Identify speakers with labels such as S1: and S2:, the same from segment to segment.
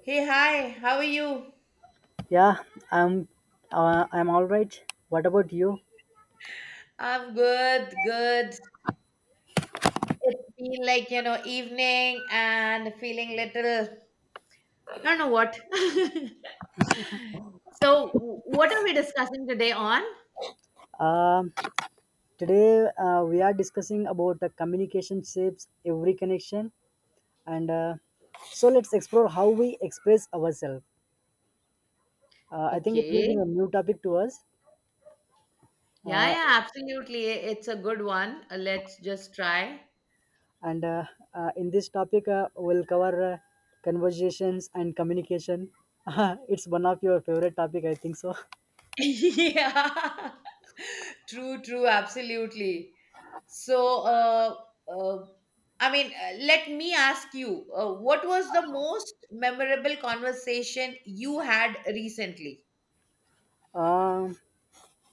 S1: Hey, hi, how are you?
S2: Yeah, I'm I'm all right. What about you?
S1: I'm good, good. It's been like evening and feeling little, I don't know what. So, what are we discussing today on?
S2: Um, Today we are discussing about the communication shapes every connection, and so let's explore how we express ourselves. I think it will be a
S1: Okay.
S2: new topic to us,
S1: Yeah,
S2: uh,
S1: yeah, absolutely. It's a good one. Let's just try.
S2: and in this topic we'll cover conversations and communication. It's one of your favorite topic, I think so.
S1: Yeah. True, true, absolutely. So, uh, I mean, let me ask you, what was the most memorable conversation you had recently?
S2: Um,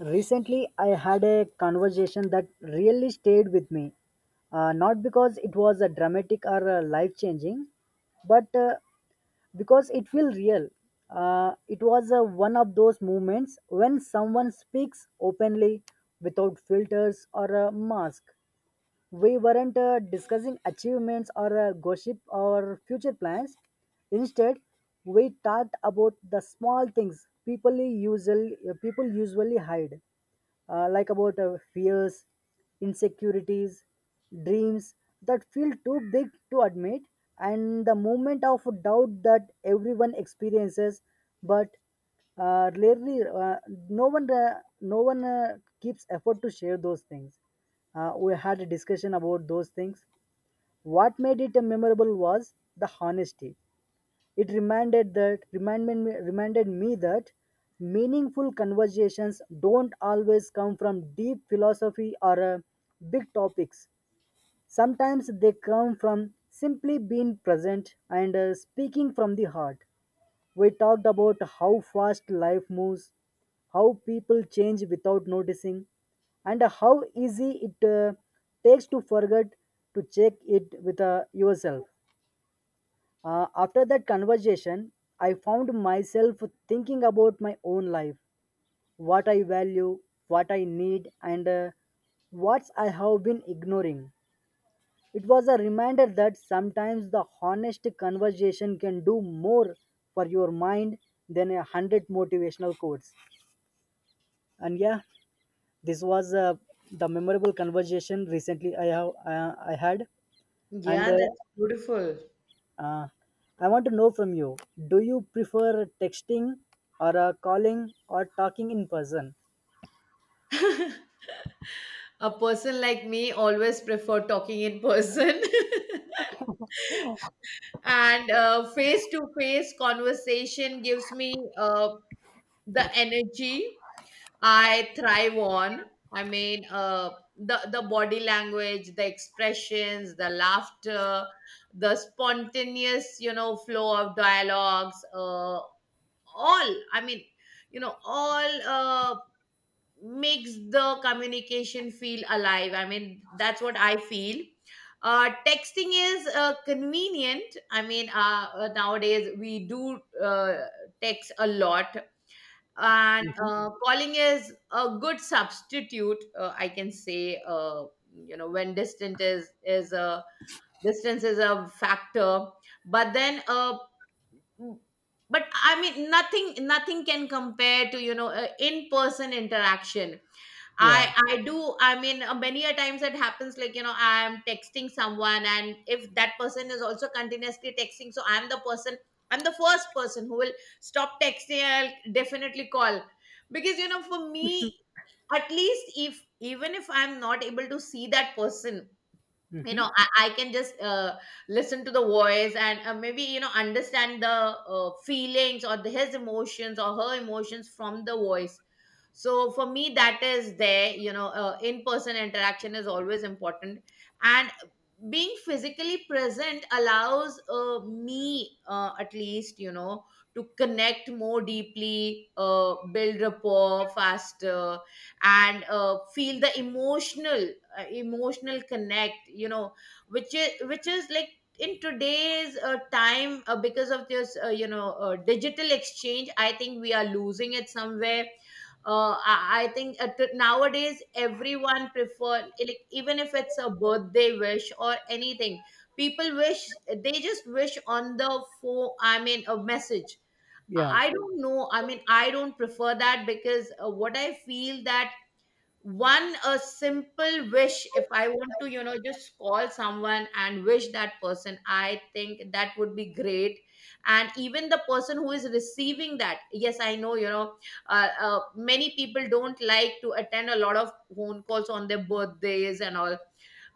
S2: Recently, I had a conversation that really stayed with me. Not because it was a dramatic or a life changing, but because it feels real. It was one of those moments when someone speaks openly without filters or a mask. We weren't discussing achievements or gossip or future plans. Instead, we talked about the small things people usually hide, like about fears, insecurities, dreams that feel too big to admit, and the moment of doubt that everyone experiences, but rarely no one no one keeps effort to share those things. We had a discussion about those things. What made it memorable was the honesty. It reminded me that meaningful conversations don't always come from deep philosophy or big topics. Sometimes they come from simply being present and speaking from the heart. We talked about how fast life moves, how people change without noticing, and how easy it takes to forget to check it with yourself. After that conversation, I found myself thinking about my own life, what I value, what I need, and what I have been ignoring. It was a reminder that sometimes the honest conversation can do more for your mind than a hundred motivational quotes. And yeah, this was the memorable conversation recently I had, and
S1: Yeah, that's beautiful.
S2: Uh, I want to know from you, do you prefer texting or calling or talking in person?
S1: A person like me always prefer talking in person. And face to face conversation gives me the energy I thrive on. I mean, the body language, the expressions, the laughter, the spontaneous flow of dialogues. All. I mean, all makes the communication feel alive. I mean, that's what I feel. Texting is convenient. I mean, nowadays we do text a lot, and
S2: Mhm.
S1: calling is a good substitute, I can say, when distance is a factor, but then, mm, but I mean nothing can compare to, in person interaction.
S2: Yeah.
S1: I do. I mean, many a times it happens. Like, I am texting someone, and if that person is also continuously texting, so I'm the person. I'm the first person who will stop texting. I'll definitely call because, for me, at least, if even if I'm not able to see that person,
S2: Hmm.
S1: I can just listen to the voice and maybe understand the feelings, or his emotions or her emotions from the voice. So for me, that is there, in person interaction is always important, and being physically present allows me, at least, to connect more deeply, build rapport faster and feel the emotional connect, which is like, in today's time, because of this digital exchange, I think we are losing it somewhere. I think nowadays everyone prefer, like, even if it's a birthday wish or anything, people wish, they just wish on the phone, I mean a message. i
S2: Yeah.
S1: I don't know, I mean, I don't prefer that, because what I feel, that one a simple wish, if I want to just call someone and wish that person, I think that would be great. And even the person who is receiving that, yes, I know, many people don't like to attend a lot of phone calls on their birthdays and all.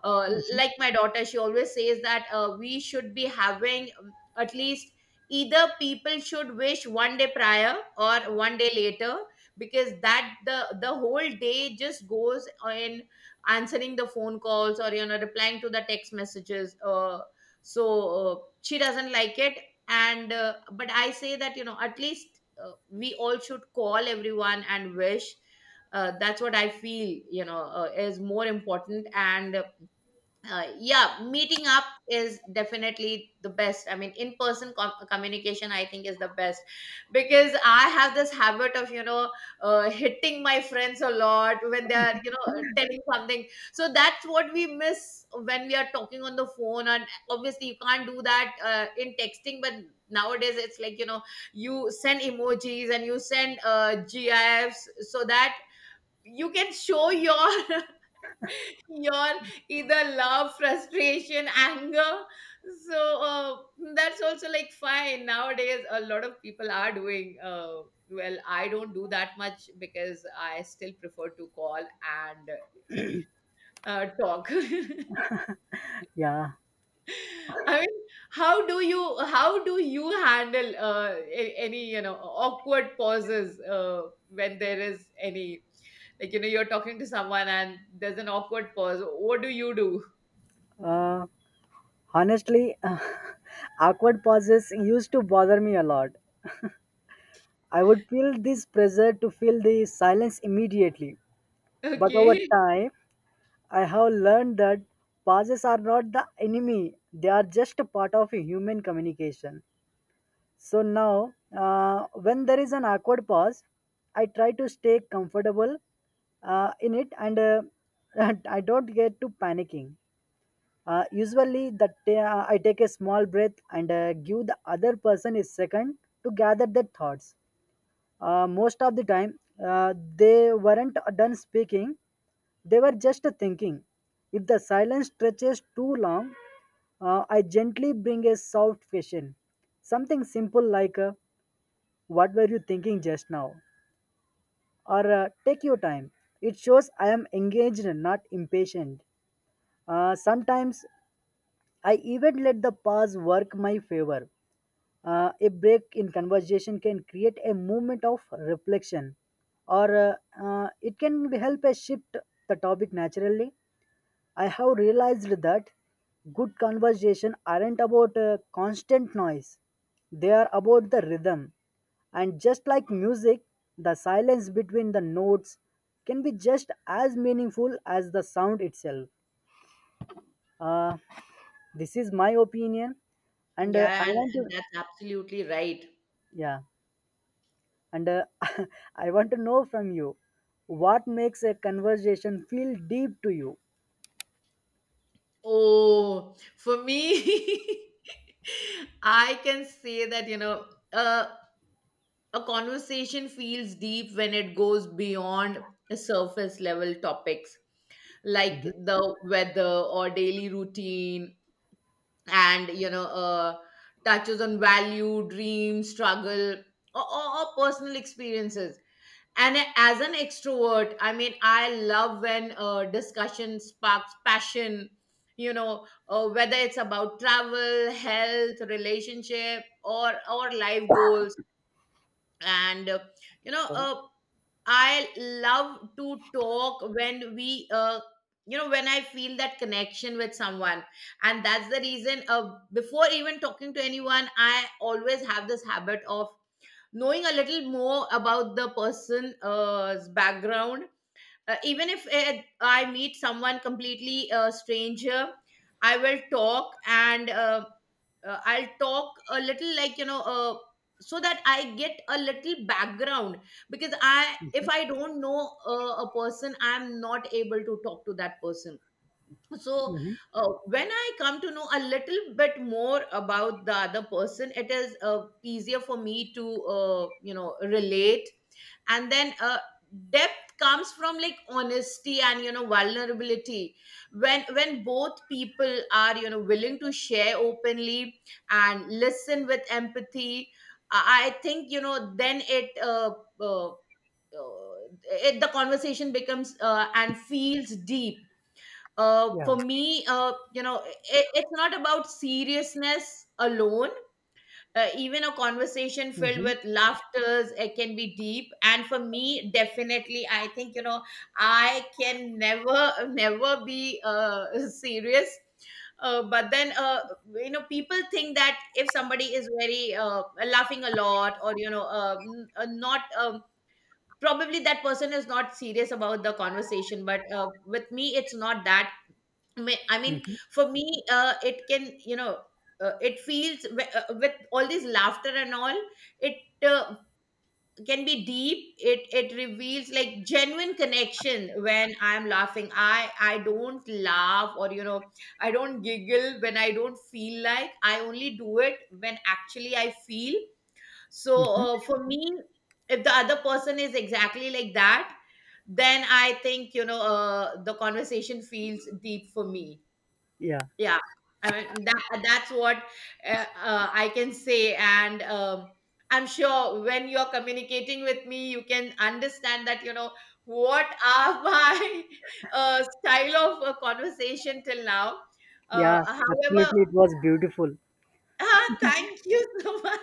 S1: uh, like, my daughter, she always says that we should be having, at least either people should wish one day prior or one day later, because that the whole day just goes in answering the phone calls, or replying to the text messages. So, she doesn't like it. And, but I say that, at least we all should call everyone and wish. That's what I feel, is more important. And, yeah, meeting up is definitely the best. I mean, in person communication, I think, is the best, because I have this habit of, hitting my friends a lot when they are, telling something, so that's what we miss when we are talking on the phone. And obviously, you can't do that in texting. But nowadays it's like, you send emojis and you send gifs, so that you can show your your, either love, frustration, anger. So, that's also like fine nowadays. A lot of people are doing, well, I don't do that much because I still prefer to call and talk.
S2: Yeah.
S1: I mean, how do you handle any, awkward pauses, when there is any, like, you're talking to someone and there's an awkward pause, what do you do?
S2: Uh, Honestly, awkward pauses used to bother me a lot. I would feel this pressure to fill the silence immediately. But over
S1: Okay.
S2: time, I have learned that pauses are not the enemy, they are just a part of a human communication. So now, when there is an awkward pause, I try to stay comfortable in it and, I don't get to panicking. Usually, that I take a small breath and give the other person a second to gather their thoughts. Most of the time, they weren't done speaking; they were just thinking. If the silence stretches too long, I gently bring a soft question, something simple like, what were you thinking just now? Or take your time. It shows I am engaged, not impatient. Sometimes I even let the pause work my favor. A break in conversation can create a moment of reflection, or it can help us shift the topic naturally. I have realized that good conversation aren't about constant noise. They are about the rhythm. And just like music, the silence between the notes can be just as meaningful as the sound itself. Uh, this is my opinion, and I
S1: Yeah, and,
S2: want to,
S1: and that's absolutely right.
S2: yeah, and I want to know from you, what makes a conversation feel deep to you.
S1: Oh, for me, I can say that, uh, a conversation feels deep when it goes beyond the surface level topics, like
S2: Hmm.
S1: the weather or daily routine, and, touches on value, dream, struggle, or personal experiences. And as an extrovert, I mean, I love when discussion sparks passion, whether it's about travel, health, relationship, or life goals. And, you know
S2: Sorry.
S1: uh, I love to talk when we, when I feel that connection with someone. And that's the reason, before even talking to anyone, I always have this habit of knowing a little more about the person's background. Even if, I meet someone completely a stranger, I will talk, and I'll talk a little, like, so that I get a little background, because I
S2: Hmm.
S1: if I don't know a person, I'm not able to talk to that person. So,
S2: Hmm.
S1: when I come to know a little bit more about the other person, it is easier for me to, relate. And then, depth comes from, like, honesty and, vulnerability, when both people are, willing to share openly and listen with empathy. I think, then uh, uh, the conversation becomes and feels deep.
S2: Yeah.
S1: For me, it's not about seriousness alone. Even a conversation filled
S2: Hmm.
S1: with laughters, it can be deep. And for me, definitely, I think, I can never, never be serious. But then, people think that if somebody is very laughing a lot, or, not, probably that person is not serious about the conversation. But with me, it's not that. I mean,
S2: Hmm.
S1: for me, it can, you know, it feels, with all this laughter and all, it uh, can be deep. It reveals like genuine connection when I'm laughing. I don't laugh, or, I don't giggle when I don't feel like. I only do it when actually I feel. So,
S2: Hmm.
S1: for me, if the other person is exactly like that, then I think, the conversation feels deep for me.
S2: Yeah,
S1: Yeah, I mean, that's what, uh, I can say. And, I'm sure when you're communicating with me, you can understand that, what are my style of conversation till now.
S2: yeah,
S1: However,
S2: absolutely. It was beautiful.
S1: thank you so much.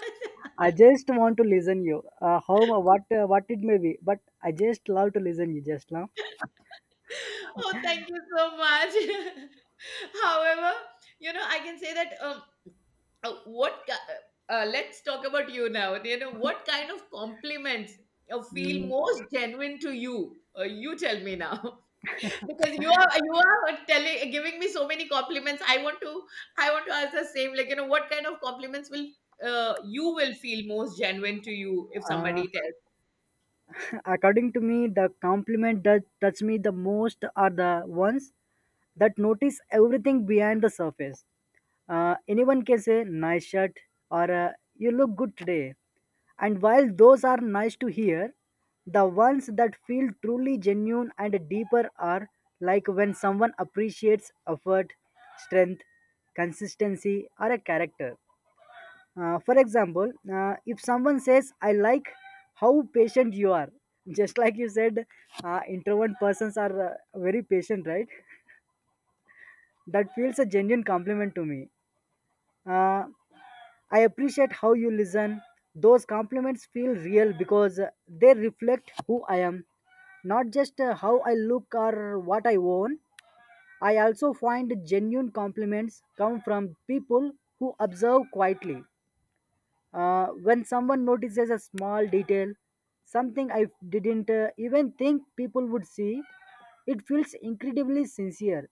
S2: I just want to listen you. How what it may be, but I just love to listen you just now.
S1: Oh, thank you so much. However, I can say that. What let's talk about you now, what kind of compliments feel
S2: Mm,
S1: most genuine to you, you tell me now. Because you are telling giving me so many compliments. I want to ask the same, like, what kind of compliments will, you will feel most genuine to you, if
S2: uh,
S1: somebody tells.
S2: according to me, the compliment that touch me the most are the ones that notice everything behind the surface. Anyone can say nice shirt or you look good today, and while those are nice to hear, the ones that feel truly genuine and deeper are like when someone appreciates effort, strength, consistency, or a character. For example, if someone says, I like how patient you are, just like you said, introvert persons are very patient, right? That feels a genuine compliment to me. Uh, I appreciate how you listen. Those compliments feel real because they reflect who I am, not just how I look or what I own. I also find genuine compliments come from people who observe quietly. When someone notices a small detail, something I didn't even think people would see, it feels incredibly sincere.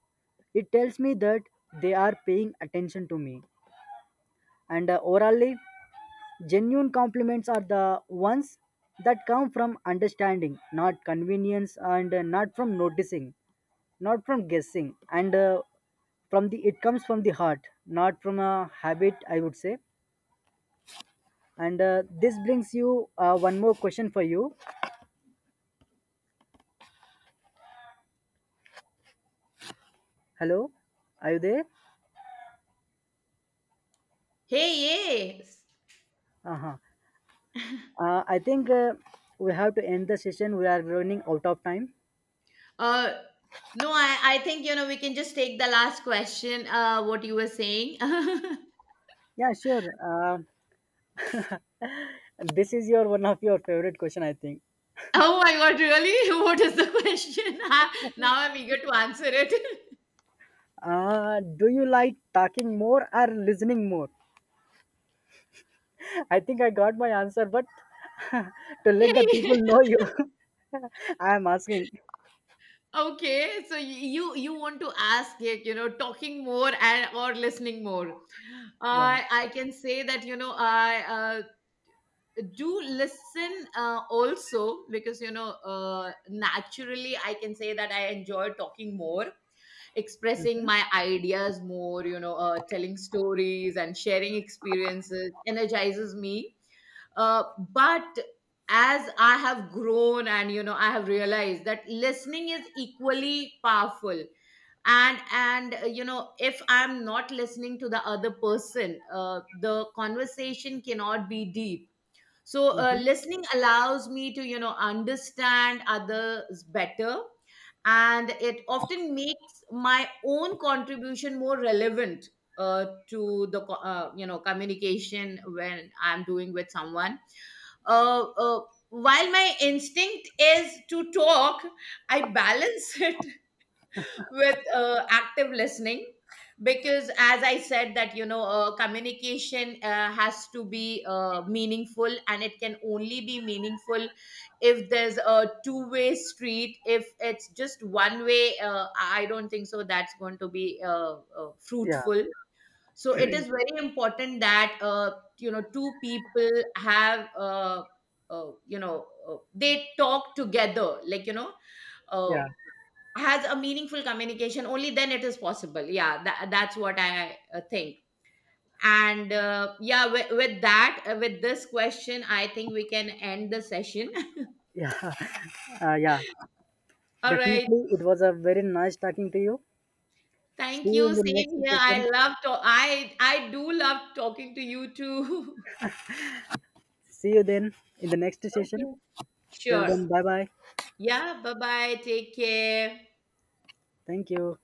S2: It tells me that they are paying attention to me. And Overall, genuine compliments are the ones that come from understanding, not convenience, and not from noticing, not from guessing, and from the, it comes from the heart, not from a habit, I would say. And this brings you one more question for you. Hello, are you there?
S1: Hey, yes.
S2: Uh-huh. I think we have to end the session. We are running out of time.
S1: uh no, I think, we can just take the last question, what you were saying.
S2: Yeah, sure. This is your one of your favorite question, I think.
S1: Oh my God, really? What is the question? Now I'm eager to answer it.
S2: Do you like talking more or listening more? I think I got my answer, but to let the people know you, I am asking.
S1: Okay, so you want to ask it, you know, talking more and or listening more.
S2: Yeah,
S1: I can say that, I do listen, also, because, naturally, I can say that I enjoy talking more, expressing my ideas more, telling stories and sharing experiences energizes me, uh, but as I have grown, and, I have realized that listening is equally powerful. And if I'm not listening to the other person, the conversation cannot be deep. So,
S2: hmm,
S1: listening allows me to, understand others better, and it often makes my own contribution more relevant, to the communication when I'm doing with someone. uh, uh, while my instinct is to talk, I balance it with active listening, because, as I said, that, communication has to be, meaningful, and it can only be meaningful if there's a two-way street. If it's just one way, I don't think so that's going to be
S2: yeah,
S1: fruitful. So it is very important that, two people have, they talk together, like, uh,
S2: yeah,
S1: has a meaningful communication. Only then it is possible. Yeah, that's what I, think. And, yeah, with this question, I think we can end the session.
S2: yeah, yeah.
S1: All right.
S2: Definitely, it was a very nice talking to you.
S1: Thank
S2: See
S1: you,
S2: you in the next
S1: same here, I
S2: session.
S1: love to, I do love talking to you too.
S2: See you then in the next
S1: Okay.
S2: session. Till
S1: Sure.
S2: then, bye bye.
S1: Yeah, bye bye, take care.
S2: Thank you.